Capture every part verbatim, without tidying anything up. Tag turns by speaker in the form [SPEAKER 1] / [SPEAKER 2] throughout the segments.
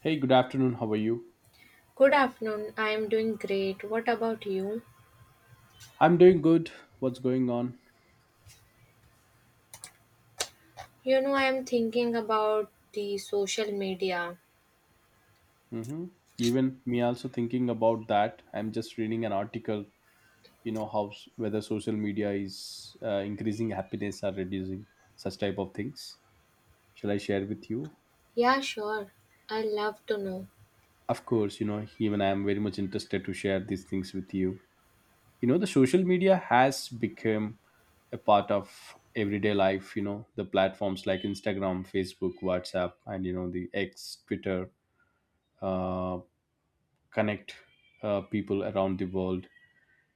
[SPEAKER 1] Hey, good afternoon. How are you?
[SPEAKER 2] Good afternoon. I am doing great. What about you?
[SPEAKER 1] I'm doing good. What's going on?
[SPEAKER 2] You know, I am thinking about the social media.
[SPEAKER 1] Hmm. Even me also thinking about that. I'm just reading an article. You know how s- whether social media is uh, increasing happiness or reducing such type of things. Shall I share with you?
[SPEAKER 2] Yeah, sure. I love to know.
[SPEAKER 1] Of course. You know, even I am very much interested to share these things with you. You know the social media has become a part of everyday life. You know the platforms like Instagram, Facebook, WhatsApp, and you know the X, Twitter. Uh, Connect uh, people around the world,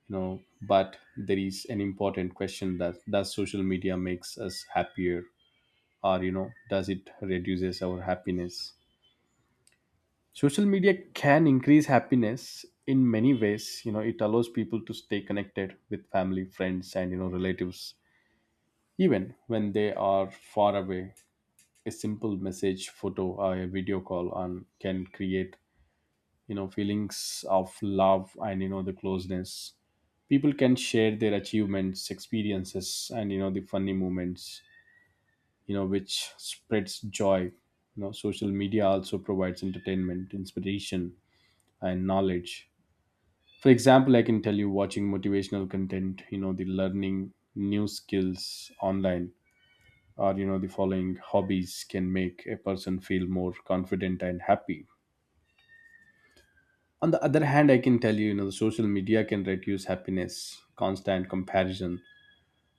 [SPEAKER 1] you know but there is an important question that does social media makes us happier, or you know does it reduces our happiness. Social media can increase happiness in many ways. You know, it allows people to stay connected with family, friends, and you know relatives, even when they are far away. A simple message, photo, or a video call on can create, you know feelings of love and you know the closeness. People can share their achievements, experiences, and you know the funny moments, you know which spreads joy. You know, social media also provides entertainment, inspiration, and knowledge. For example, I can tell you, watching motivational content, you know the learning new skills online, or you know the following hobbies can make a person feel more confident and happy. On the other hand, I can tell you, you know the social media can reduce happiness. Constant comparison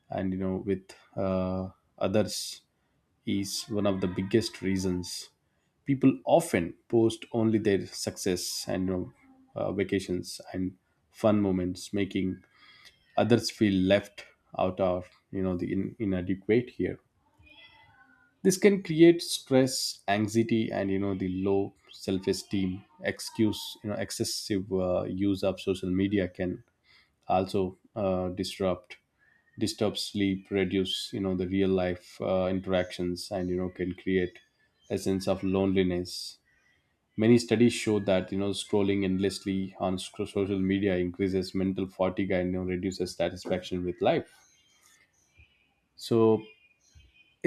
[SPEAKER 1] and you know with uh, others is one of the biggest reasons. People often post only their success, and you know, uh, vacations and fun moments, making others feel left out of, you know the in- inadequate here. This can create stress, anxiety, and you know the low self-esteem. Excuse, you know excessive uh, use of social media can also uh, disrupt disturb sleep, reduce you know the real life uh, interactions, and you know can create a sense of loneliness. Many studies show that you know scrolling endlessly on sc- social media increases mental fatigue and, you know, reduces satisfaction with life. So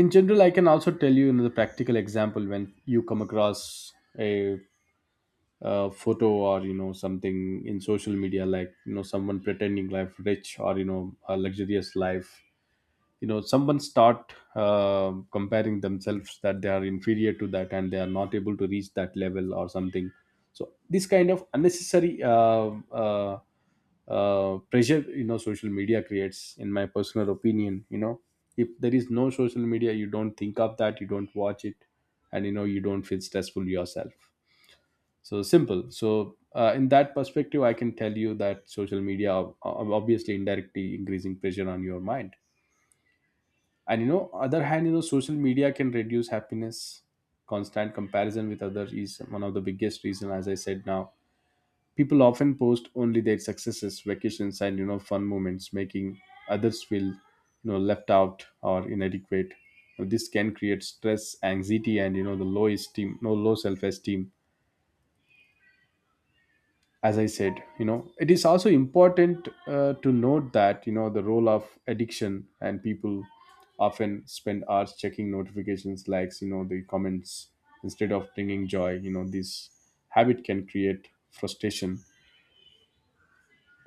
[SPEAKER 1] in general, I can also tell you another practical example. When you come across a, uh photo or you know something in social media, like you know someone pretending life rich, or you know a luxurious life, you know someone start uh, comparing themselves that they are inferior to that and they are not able to reach that level or something. So this kind of unnecessary uh, uh, uh, pressure, you know social media creates, in my personal opinion. You know if there is no social media, you don't think of that, you don't watch it, and you know you don't feel stressful yourself. So simple. So uh, in that perspective, I can tell you that social media ob- ob- obviously indirectly increasing pressure on your mind. And you know other hand, you know social media can reduce happiness. Constant comparison with others is one of the biggest reason, as I said now. People often post only their successes, vacations, and you know fun moments, making others feel you know left out or inadequate. Now, this can create stress, anxiety, and you know the low esteem, no, low self-esteem. As I said, you know it is also important uh, to note that you know the role of addiction, and people often spend hours checking notifications, likes, you know the comments, instead of bringing joy. You know, this habit can create frustration,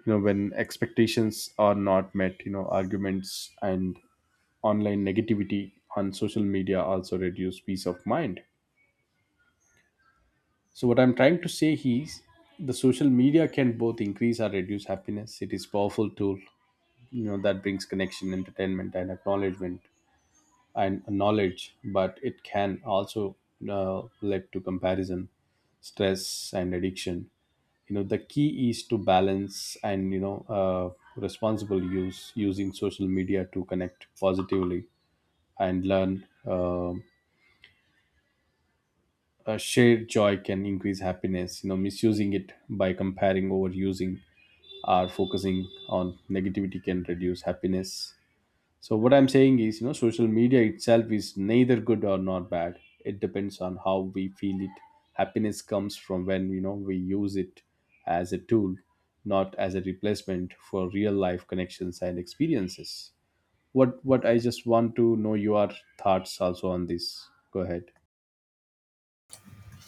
[SPEAKER 1] you know when expectations are not met, you know arguments and online negativity on social media also reduce peace of mind. So what I'm trying to say is, the social media can both increase or reduce happiness. It is powerful tool, you know that brings connection, entertainment, and acknowledgement and knowledge, but it can also uh, lead to comparison, stress, and addiction. You know, the key is to balance and, you know uh, responsible use, using social media to connect positively and learn. Um a shared joy can increase happiness. You know misusing it by comparing, overusing, or focusing on negativity can reduce happiness. So what I'm saying is, you know, social media itself is neither good or not bad. It depends on how we feel it. Happiness comes from when you know we use it as a tool, not as a replacement for real life connections and experiences. What what I just want to know your thoughts also on this. Go ahead.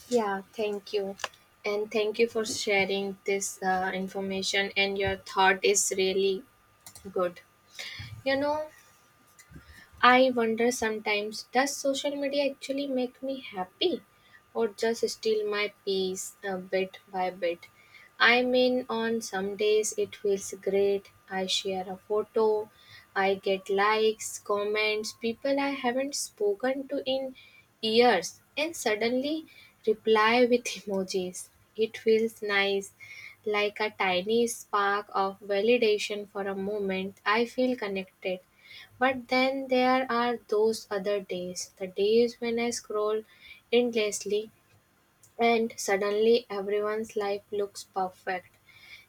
[SPEAKER 2] Yeah, thank you. And thank you for sharing this uh, information, and your thought is really good. You know, I wonder sometimes, does social media actually make me happy or just steal my peace uh, bit by bit? I mean, on some days it feels great. I share a photo, I get likes, comments, people I haven't spoken to in years, and suddenly reply with emojis. It feels nice, like a tiny spark of validation. For a moment, I feel connected. But then there are those other days, the days when I scroll endlessly and suddenly everyone's life looks perfect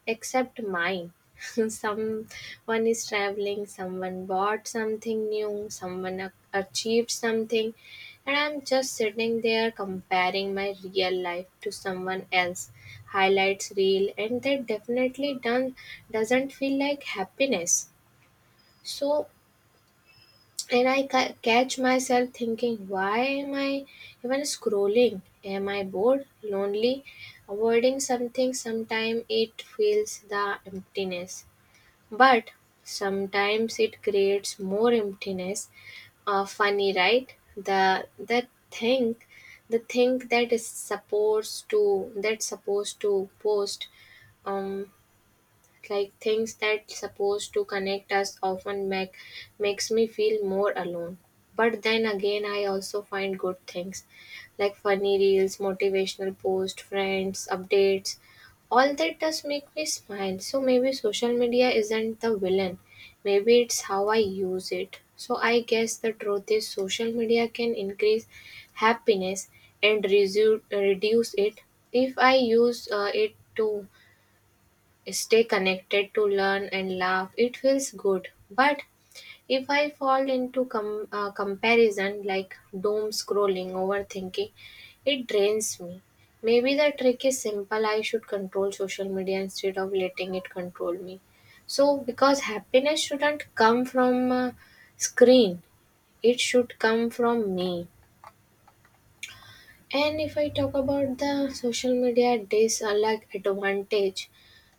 [SPEAKER 2] except mine. Someone is traveling, someone bought something new, someone ac- achieved something, and I'm just sitting there comparing my real life to someone else highlights reel, and that definitely done doesn't feel like happiness. So, and I ca- catch myself thinking, why am I even scrolling? Am I bored, lonely, avoiding something? Sometimes it fills the emptiness, but sometimes it creates more emptiness. Uh, funny, right? The the thing, the thing that is supposed to that's supposed to post um like things that supposed to connect us often make makes me feel more alone. But then again, I also find good things, like funny reels, motivational posts, friends updates. All that does make me smile. So maybe social media isn't the villain. Maybe it's how I use it. So I guess the truth is social media can increase happiness and resu- reduce it. If I use uh, it to stay connected, to learn and laugh, it feels good. But if I fall into com- uh, comparison, like doom scrolling, overthinking, it drains me. Maybe the trick is simple. I should control social media instead of letting it control me. So, because happiness shouldn't come from a screen, it should come from me. And if I talk about the social media dislike advantage,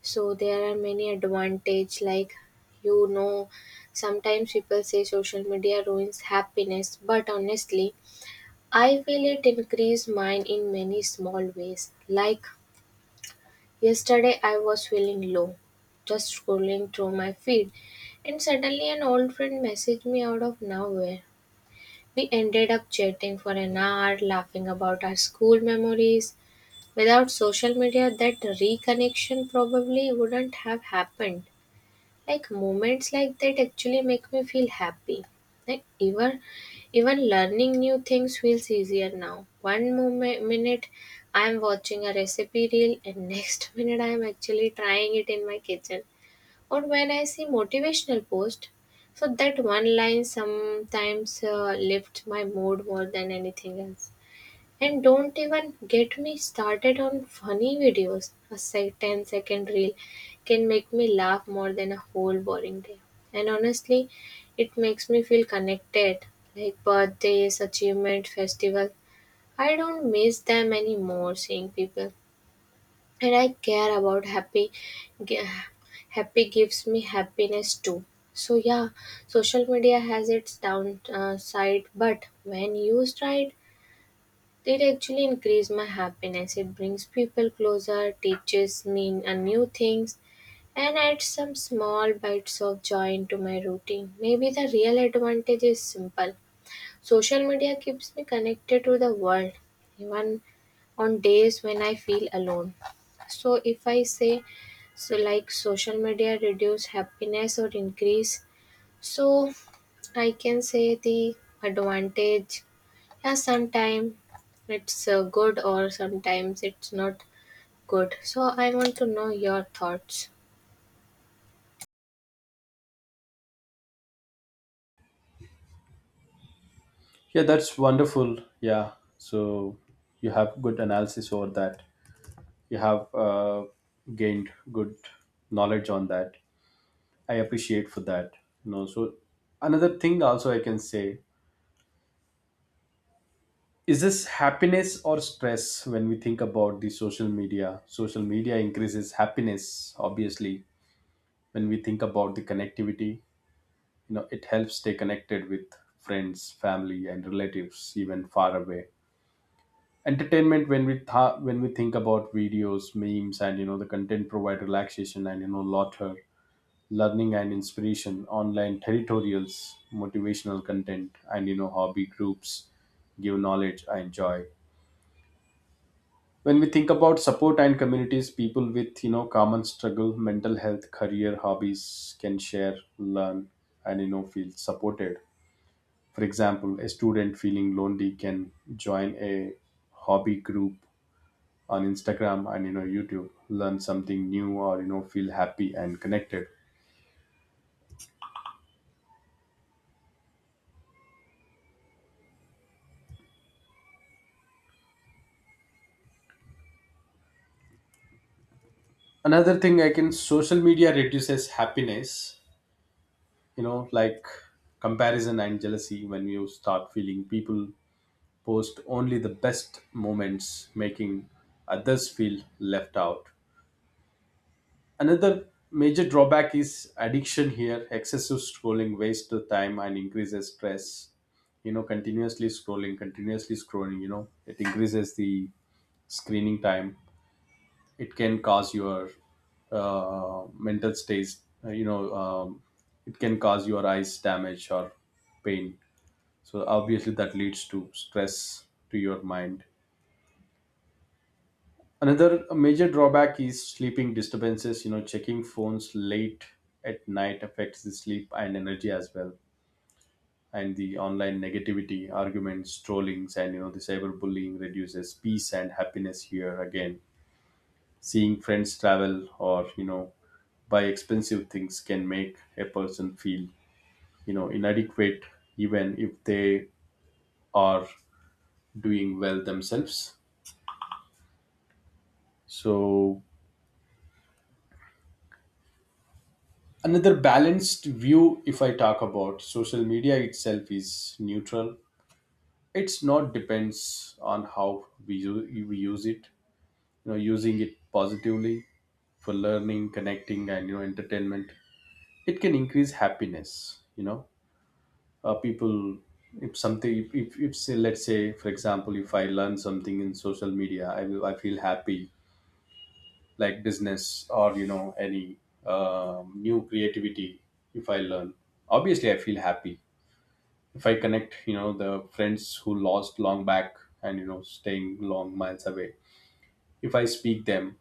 [SPEAKER 2] so there are many advantage, like you know sometimes people say social media ruins happiness, but honestly, I feel it increase mine in many small ways. Like yesterday, I was feeling low, just scrolling through my feed, and suddenly an old friend messaged me out of nowhere. We ended up chatting for an hour, laughing about our school memories. Without social media, that reconnection probably wouldn't have happened. Like moments like that actually make me feel happy. Like even even learning new things feels easier now. One moment, minute I'm watching a recipe reel, and next minute I'm actually trying it in my kitchen. Or when I see motivational post, so that one line sometimes uh, lifts my mood more than anything else. And don't even get me started on funny videos. A se- ten second reel can make me laugh more than a whole boring day. And honestly, it makes me feel connected, like birthdays, achievement, festival. I don't miss them anymore, seeing people. And I care about happy gi- happy gives me happiness too. So yeah, social media has its down uh, side, but when used right, it actually increases my happiness. It brings people closer, teaches me a new things, and adds some small bites of joy into my routine. Maybe the real advantage is simple. Social media keeps me connected to the world, even on days when I feel alone. So if I say, so like, social media reduce happiness or increase? So I can say, the advantage, yeah, sometimes it's uh, good or sometimes it's not good. So I want to know your thoughts.
[SPEAKER 1] Yeah, that's wonderful. Yeah. So you have good analysis over that. You have uh, gained good knowledge on that. I appreciate for that. you know. So, another thing also I can say is this happiness or stress when we think about the social media. Social media increases happiness, obviously. When we think about the connectivity, you know, it helps stay connected with friends, family, and relatives, even far away. Entertainment, when we th- when we think about videos, memes, and you know the content, provide relaxation and you know laughter. Learning and inspiration, online tutorials, motivational content, and you know hobby groups give knowledge and joy. When we think about support and communities, people with you know common struggle, mental health, career, hobbies can share, learn, and you know feel supported. For example, a student feeling lonely can join a hobby group on Instagram and you know YouTube, learn something new, or you know feel happy and connected. Another thing I can, social media reduces happiness, you know like comparison and jealousy, when you start feeling people post only the best moments, making others feel left out. Another major drawback is addiction here. Excessive scrolling wastes the time and increases stress. You know, continuously scrolling continuously scrolling, you know it increases the screening time. It can cause your uh, mental states, uh, you know um, it can cause your eyes damage or pain. So obviously that leads to stress to your mind. Another major drawback is sleeping disturbances. You know, checking phones late at night affects the sleep and energy as well. And the online negativity, arguments, trollings, and you know the cyberbullying reduces peace and happiness. Here again, seeing friends travel or you know by expensive things can make a person feel you know inadequate, even if they are doing well themselves. So another balanced view, if I talk about social media itself, is neutral. It's not, depends on how we, u- we use it. You know, using it positively for learning, connecting, and you know entertainment, it can increase happiness. You know, uh, people, if something, if, if, if say, let's say, for example, if I learn something in social media, i will I feel happy. Like business or you know any um, new creativity, if I learn, obviously I feel happy. If I connect you know the friends who lost long back and you know staying long miles away, if I speak them,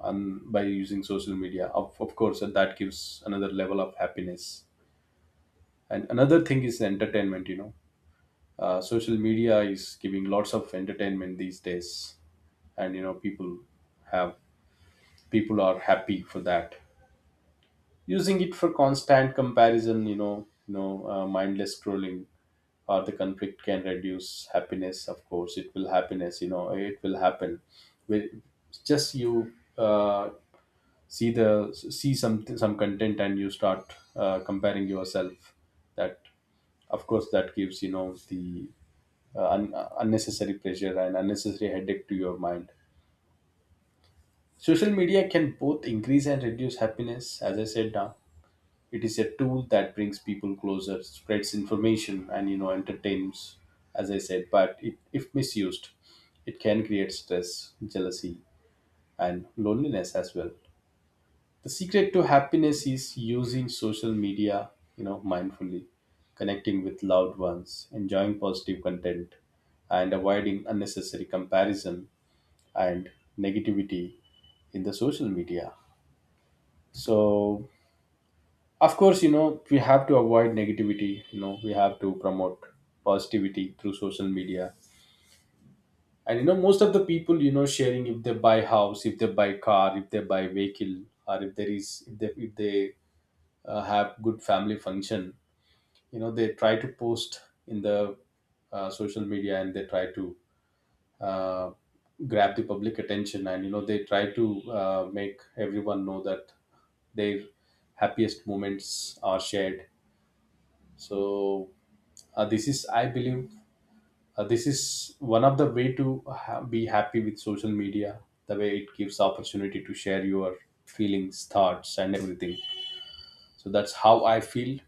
[SPEAKER 1] and by using social media, of, of course that gives another level of happiness. And another thing is entertainment. You know, uh, social media is giving lots of entertainment these days, and you know people have people are happy for that. Using it for constant comparison, you know you know uh, mindless scrolling or the conflict can reduce happiness. Of course it will happiness, you know it will happen. With just you uh, see, the see some some content, and you start uh, comparing yourself, that of course that gives you know the uh, un- uh, unnecessary pressure and unnecessary headache to your mind. Social media can both increase and reduce happiness, as I said now. It is a tool that brings people closer, spreads information, and you know entertains, as I said. But it, if misused, it can create stress, jealousy, and loneliness as well. The secret to happiness is using social media you know mindfully, connecting with loved ones, enjoying positive content, and avoiding unnecessary comparison and negativity in the social media. So of course, you know we have to avoid negativity. You know we have to promote positivity through social media. And you know most of the people, you know sharing, if they buy house, if they buy car, if they buy vehicle, or if there is if they if they uh, have good family function, you know they try to post in the uh, social media, and they try to uh, grab the public attention, and you know they try to uh, make everyone know that their happiest moments are shared. So uh, this is, I believe, uh, this is one of the way to ha- be happy with social media. The way it gives opportunity to share your feelings, thoughts, and everything. So that's how I feel.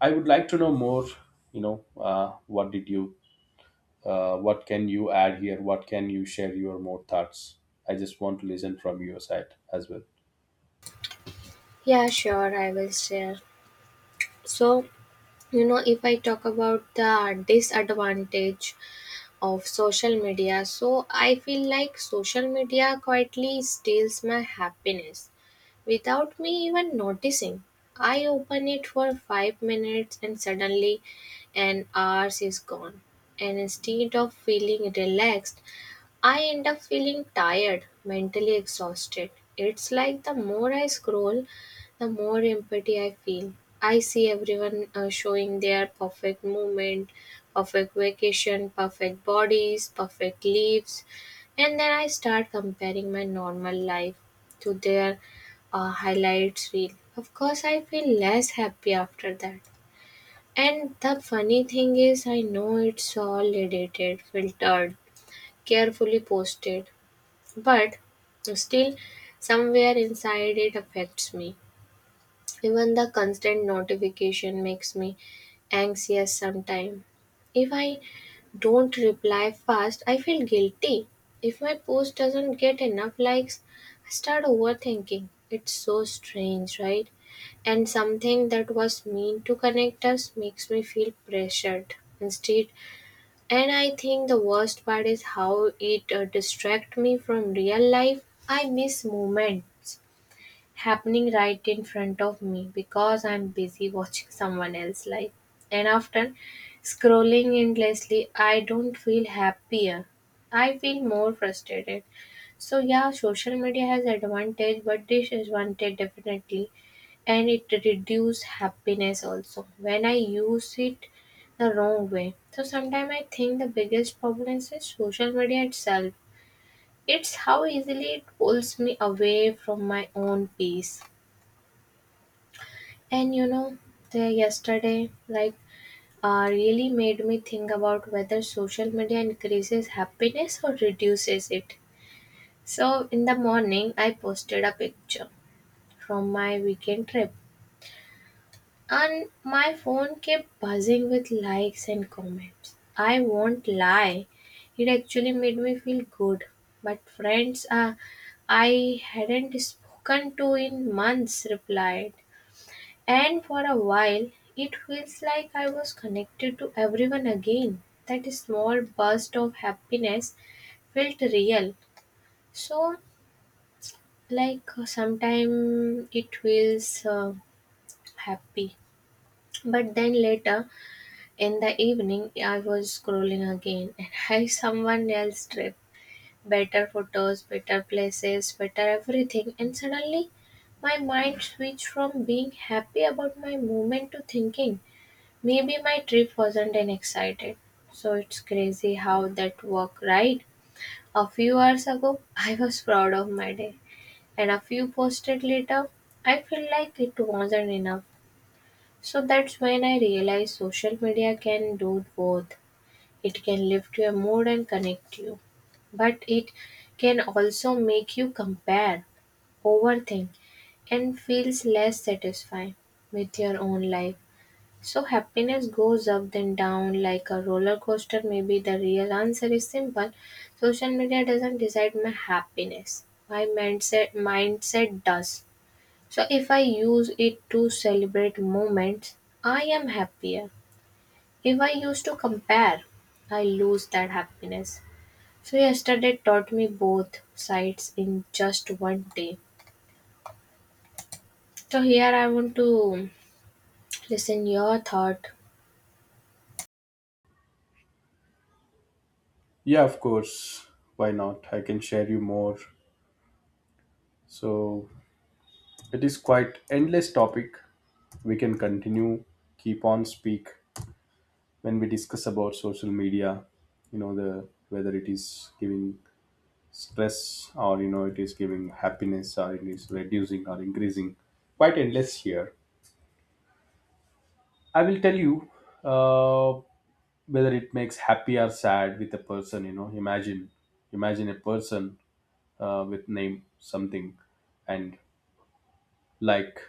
[SPEAKER 1] I would like to know more. you know uh, what did you uh, what can you add here? What can you share your more thoughts? I just want to listen from your side as well.
[SPEAKER 2] Yeah, sure, I will share. So, you know, if I talk about the disadvantage of social media, so I feel like social media quietly steals my happiness without me even noticing. I open it for five minutes and suddenly an hours is gone, and instead of feeling relaxed, I end up feeling tired, mentally exhausted. It's like the more I scroll, the more empathy I feel. I see everyone uh, showing their perfect movement, perfect vacation, perfect bodies, perfect leaves, and then I start comparing my normal life to their uh, highlights reel. Of course, I feel less happy after that. And the funny thing is, I know it's all edited, filtered, carefully posted. But still, somewhere inside, it affects me. Even the constant notification makes me anxious sometimes. If I don't reply fast, I feel guilty. If my post doesn't get enough likes, I start overthinking. It's so strange, right? And something that was meant to connect us makes me feel pressured instead. And I think the worst part is how it uh, distracts me from real life. I miss moments happening right in front of me because I'm busy watching someone else's life. And often, scrolling endlessly, I don't feel happier. I feel more frustrated. So yeah, social media has advantage, but disadvantage definitely, and it reduce happiness also when I use it the wrong way. So sometimes I think the biggest problem is social media itself. It's how easily it pulls me away from my own peace. And you know, the yesterday like uh, really made me think about whether social media increases happiness or reduces it. So in the morning, I posted a picture from my weekend trip, and my phone kept buzzing with likes and comments. I won't lie, it actually made me feel good. But friends, uh, I hadn't spoken to in months replied. And for a while, it feels like I was connected to everyone again. That small burst of happiness felt real. So, like, sometimes it feels uh, happy. But then later in the evening, I was scrolling again, and I someone else trip. Better photos, better places, better everything. And suddenly my mind switched from being happy about my moment to thinking, maybe my trip wasn't an excited. So it's crazy how that worked, right? A few hours ago I was proud of my day, and a few posted later, I feel like it wasn't enough. So that's when I realized social media can do both. It can lift your mood and connect you, but it can also make you compare, overthink, and feels less satisfied with your own life. So happiness goes up then down like a roller coaster. Maybe the real answer is simple. Social media doesn't decide my happiness. My mindset mindset does. So if I use it to celebrate moments, I am happier. If I use to compare, I lose that happiness. So yesterday taught me both sides in just one day. So here I want to listen your thought.
[SPEAKER 1] Yeah, of course, why not. I can share you more. So it is quite endless topic. We can continue, keep on speak. When we discuss about social media, you know, the whether it is giving stress or, you know, it is giving happiness or it is reducing or increasing, quite endless here. I will tell you uh, whether it makes happy or sad with a person. You know, imagine, imagine a person uh, with name something, and like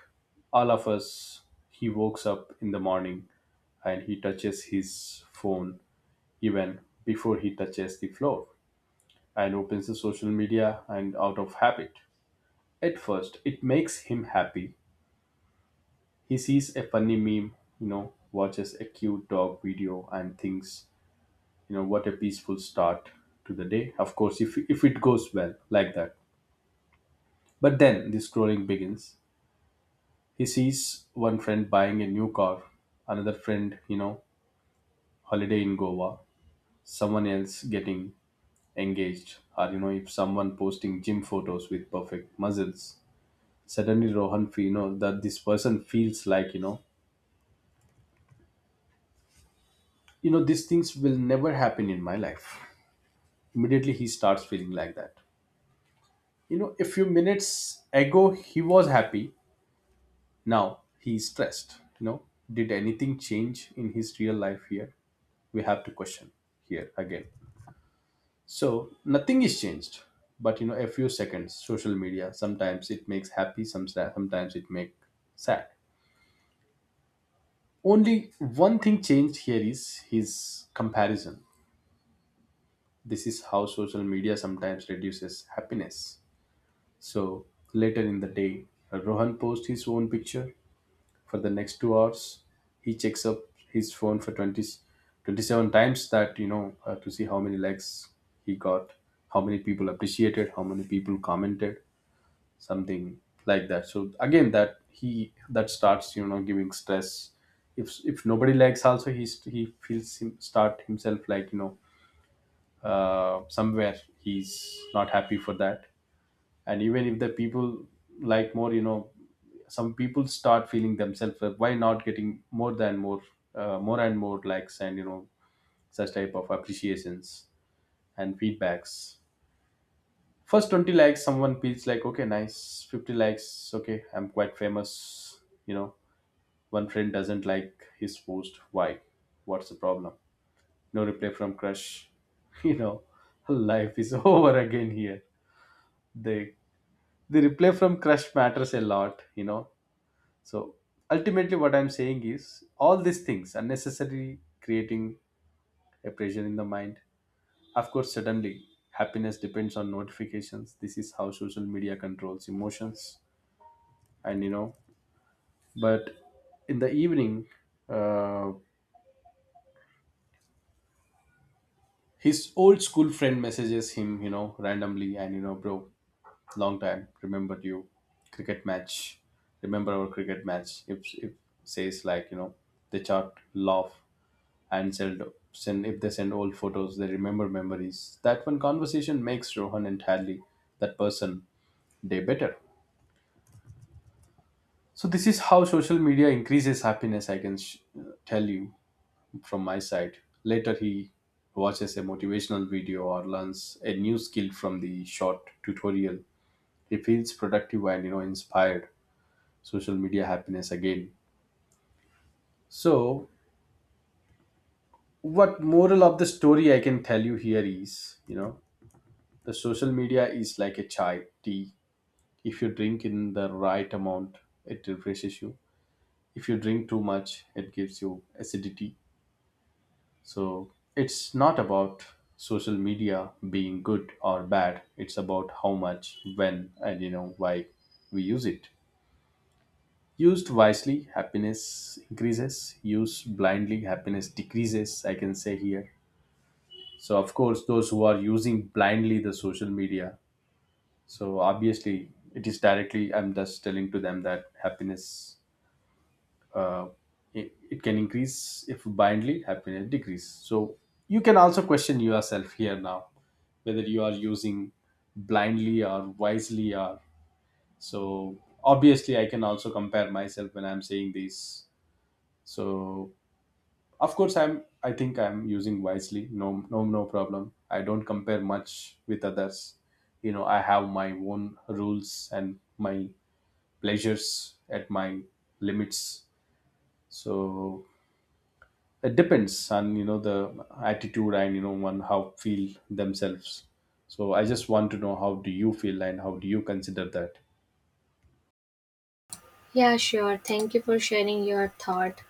[SPEAKER 1] all of us, he wakes up in the morning and he touches his phone, even before he touches the floor, and opens the social media and out of habit. At first it makes him happy. He sees a funny meme, you know, watches a cute dog video and thinks, you know, what a peaceful start to the day. Of course, if if it goes well like that. But then the scrolling begins. He sees one friend buying a new car, another friend, you know, holiday in Goa, someone else getting engaged, or you know, if someone posting gym photos with perfect muscles, suddenly Rohan feel, you know, that this person feels like, you know, you know these things will never happen in my life. Immediately he starts feeling like that. You know, a few minutes ago he was happy. Now he's stressed. You know, did anything change in his real life here? We have to question here again. So nothing is changed, but you know, a few seconds. Social media sometimes it makes happy, some sad, sometimes it makes sad. Only one thing changed here is his comparison. This is how social media sometimes reduces happiness. So later in the day, Rohan posts his own picture. For the next two hours he checks up his phone for twenty, twenty-seven times, that you know, uh, to see how many likes he got, how many people appreciated, how many people commented, something like that. So again, that he that starts, you know, giving stress. If if nobody likes also, he's he feels him start himself like, you know, uh, somewhere he's not happy for that. And even if the people like more, you know, some people start feeling themselves, uh, why not getting more than more, uh, more and more likes, and you know, such type of appreciations and feedbacks. First twenty likes someone feels like, okay, nice. fifty likes, okay, I'm quite famous, you know. One friend doesn't like his post, why, what's the problem. No reply from crush you know, life is over again here. They, the reply from crush matters a lot, you know. So ultimately, what I'm saying is all these things unnecessarily creating a pressure in the mind. Of course, suddenly happiness depends on notifications. This is how social media controls emotions, and you know. But in the evening, uh, his old school friend messages him, you know, randomly, and you know, bro, long time remembered you, cricket match, remember our cricket match, if, if says like, you know, they chat, laugh, and send, send if they send old photos, they remember memories. That one conversation makes Rohan, entirely that person, day better. So this is how social media increases happiness. i can sh- tell you from my side. Later he watches a motivational video or learns a new skill from the short tutorial. He feels productive and, you know, inspired. Social media happiness again. So what moral of the story I can tell you here is, you know, the social media is like a chai tea. If you drink in the right amount, it refreshes you. If you drink too much, it gives you acidity. So it's not about social media being good or bad. It's about how much, when, and you know why we use it. Used wisely, happiness increases. Used blindly, happiness decreases. I can say here. So of course, those who are using blindly the social media, so obviously it is directly, I'm just telling to them that happiness, uh, it, it can increase, if blindly happiness decrease. So you can also question yourself here now, whether you are using blindly or wisely or. So obviously I can also compare myself when I'm saying this. So of course, i'm i think I'm using wisely. No, no, no problem. I don't compare much with others, you know. I have my own rules and my pleasures at my limits. So it depends on, you know, the attitude, and you know one how feel themselves. So I just want to know how do you feel and how do you consider that.
[SPEAKER 2] Yeah, sure. Thank you for sharing your thought.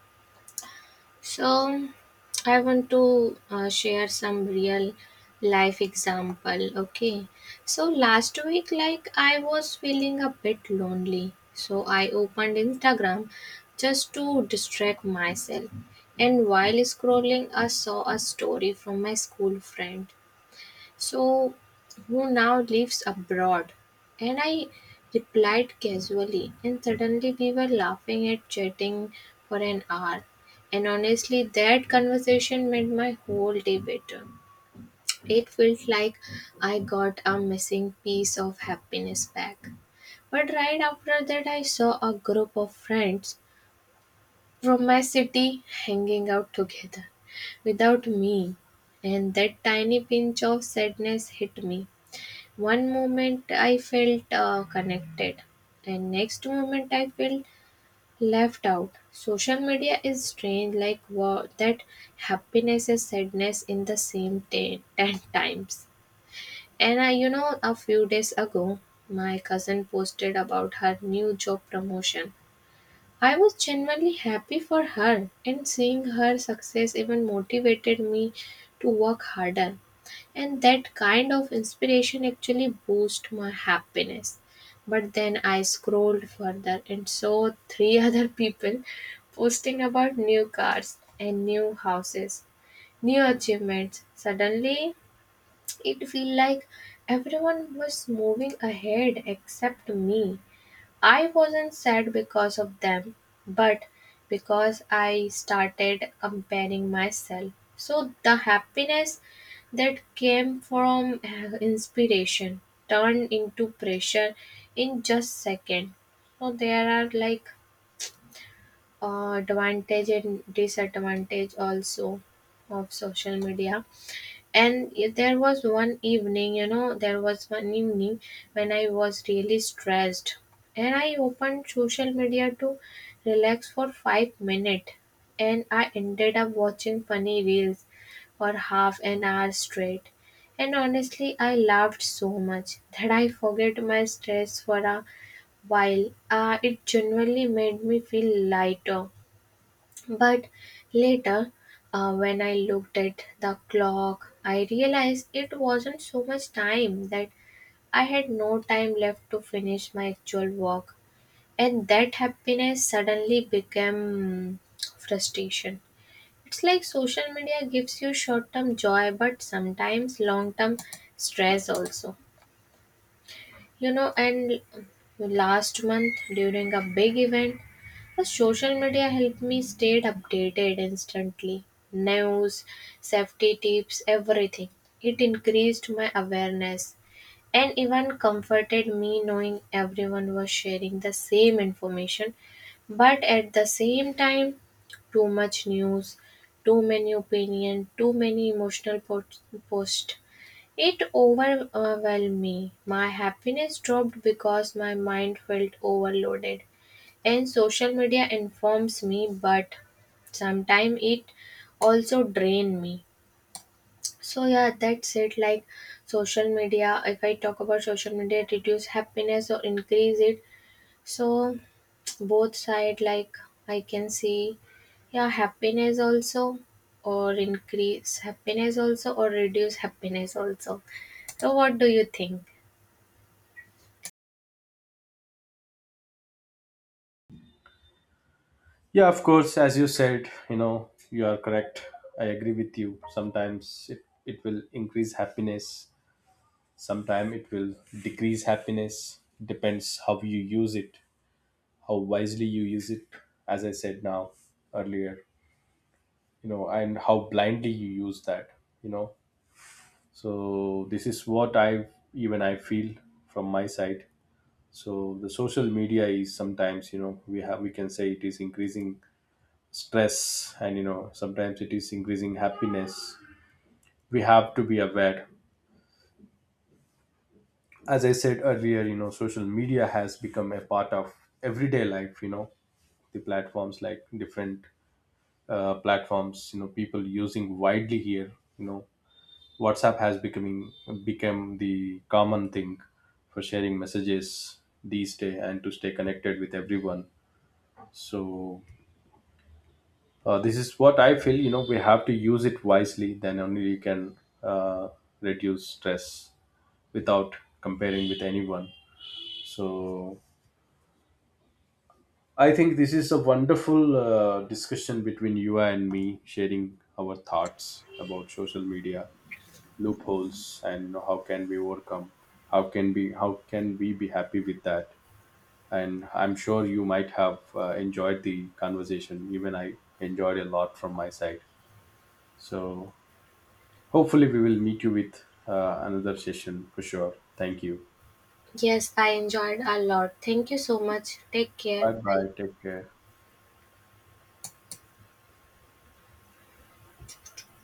[SPEAKER 2] So, I want to uh, share some real life example. Okay. So, last week, like, I was feeling a bit lonely. So I opened Instagram just to distract myself. And while scrolling, I saw a story from my school friend, So, who now lives abroad. And I replied casually, and suddenly we were laughing and chatting for an hour. And honestly, that conversation made my whole day better. It felt like I got a missing piece of happiness back. But right after that, I saw a group of friends from my city hanging out together without me, and that tiny pinch of sadness hit me. One moment I felt uh, connected, and next moment I felt left out. Social media is strange, like wow, that happiness and sadness in the same day, ten times. And I, you know, a few days ago, my cousin posted about her new job promotion. I was genuinely happy for her, and seeing her success even motivated me to work harder. And that kind of inspiration actually boosts my happiness. But then I scrolled further and saw three other people posting about new cars and new houses, new achievements. Suddenly, it felt like everyone was moving ahead except me. I wasn't sad because of them, but because I started comparing myself. So the happiness that came from uh, inspiration turned into pressure in just second. So there are like uh, advantage and disadvantage also of social media. And y- there was one evening, you know, there was one evening when I was really stressed, and I opened social media to relax for five minutes, and I ended up watching funny reels for half an hour straight. And honestly, I laughed so much that I forget my stress for a while. Uh, it genuinely made me feel lighter. But later, uh, when I looked at the clock, I realized it wasn't so much time, that I had no time left to finish my actual work. And that happiness suddenly became frustration. It's like social media gives you short term joy, but sometimes long term stress also. You know, and last month during a big event, the social media helped me stay updated instantly. News, safety tips, everything. It increased my awareness and even comforted me, knowing everyone was sharing the same information. But at the same time, too much news, too many opinion, too many emotional post. post. It overwhelmed me. My happiness dropped because my mind felt overloaded. And social media informs me, but sometimes it also drain me. So yeah, that's it. Like social media, if I talk about social media, it reduce happiness or increase it. So both side, like, I can see, yeah, happiness also, or increase happiness also, or reduce happiness also. So what do you think?
[SPEAKER 1] Yeah, of course, as you said, you know, you are correct, I agree with you. Sometimes it, it will increase happiness, sometimes it will decrease happiness. Depends how you use it, how wisely you use it, as I said now earlier, you know, and how blindly you use that, you know. So this is what i even i feel from my side. So the social media is sometimes, you know, we have we can say it is increasing stress, and you know sometimes it is increasing happiness. We have to be aware. As I said earlier, you know, social media has become a part of everyday life, you know. The platforms like different uh, platforms, you know, people using widely here, you know. WhatsApp has becoming become the common thing for sharing messages these days and to stay connected with everyone. So uh, this is what I feel. You know, we have to use it wisely. Then only you can uh, reduce stress without comparing with anyone. So I think this is a wonderful uh, discussion between you and me, sharing our thoughts about social media loopholes and how can we overcome, how can we how can we be happy with that. And I'm sure you might have uh, enjoyed the conversation. Even I enjoyed a lot from my side. So hopefully we will meet you with uh, another session for sure. Thank you.
[SPEAKER 2] Yes, I enjoyed a lot. Thank you so much. Take care.
[SPEAKER 1] Bye
[SPEAKER 2] Bye.
[SPEAKER 1] bye, take care.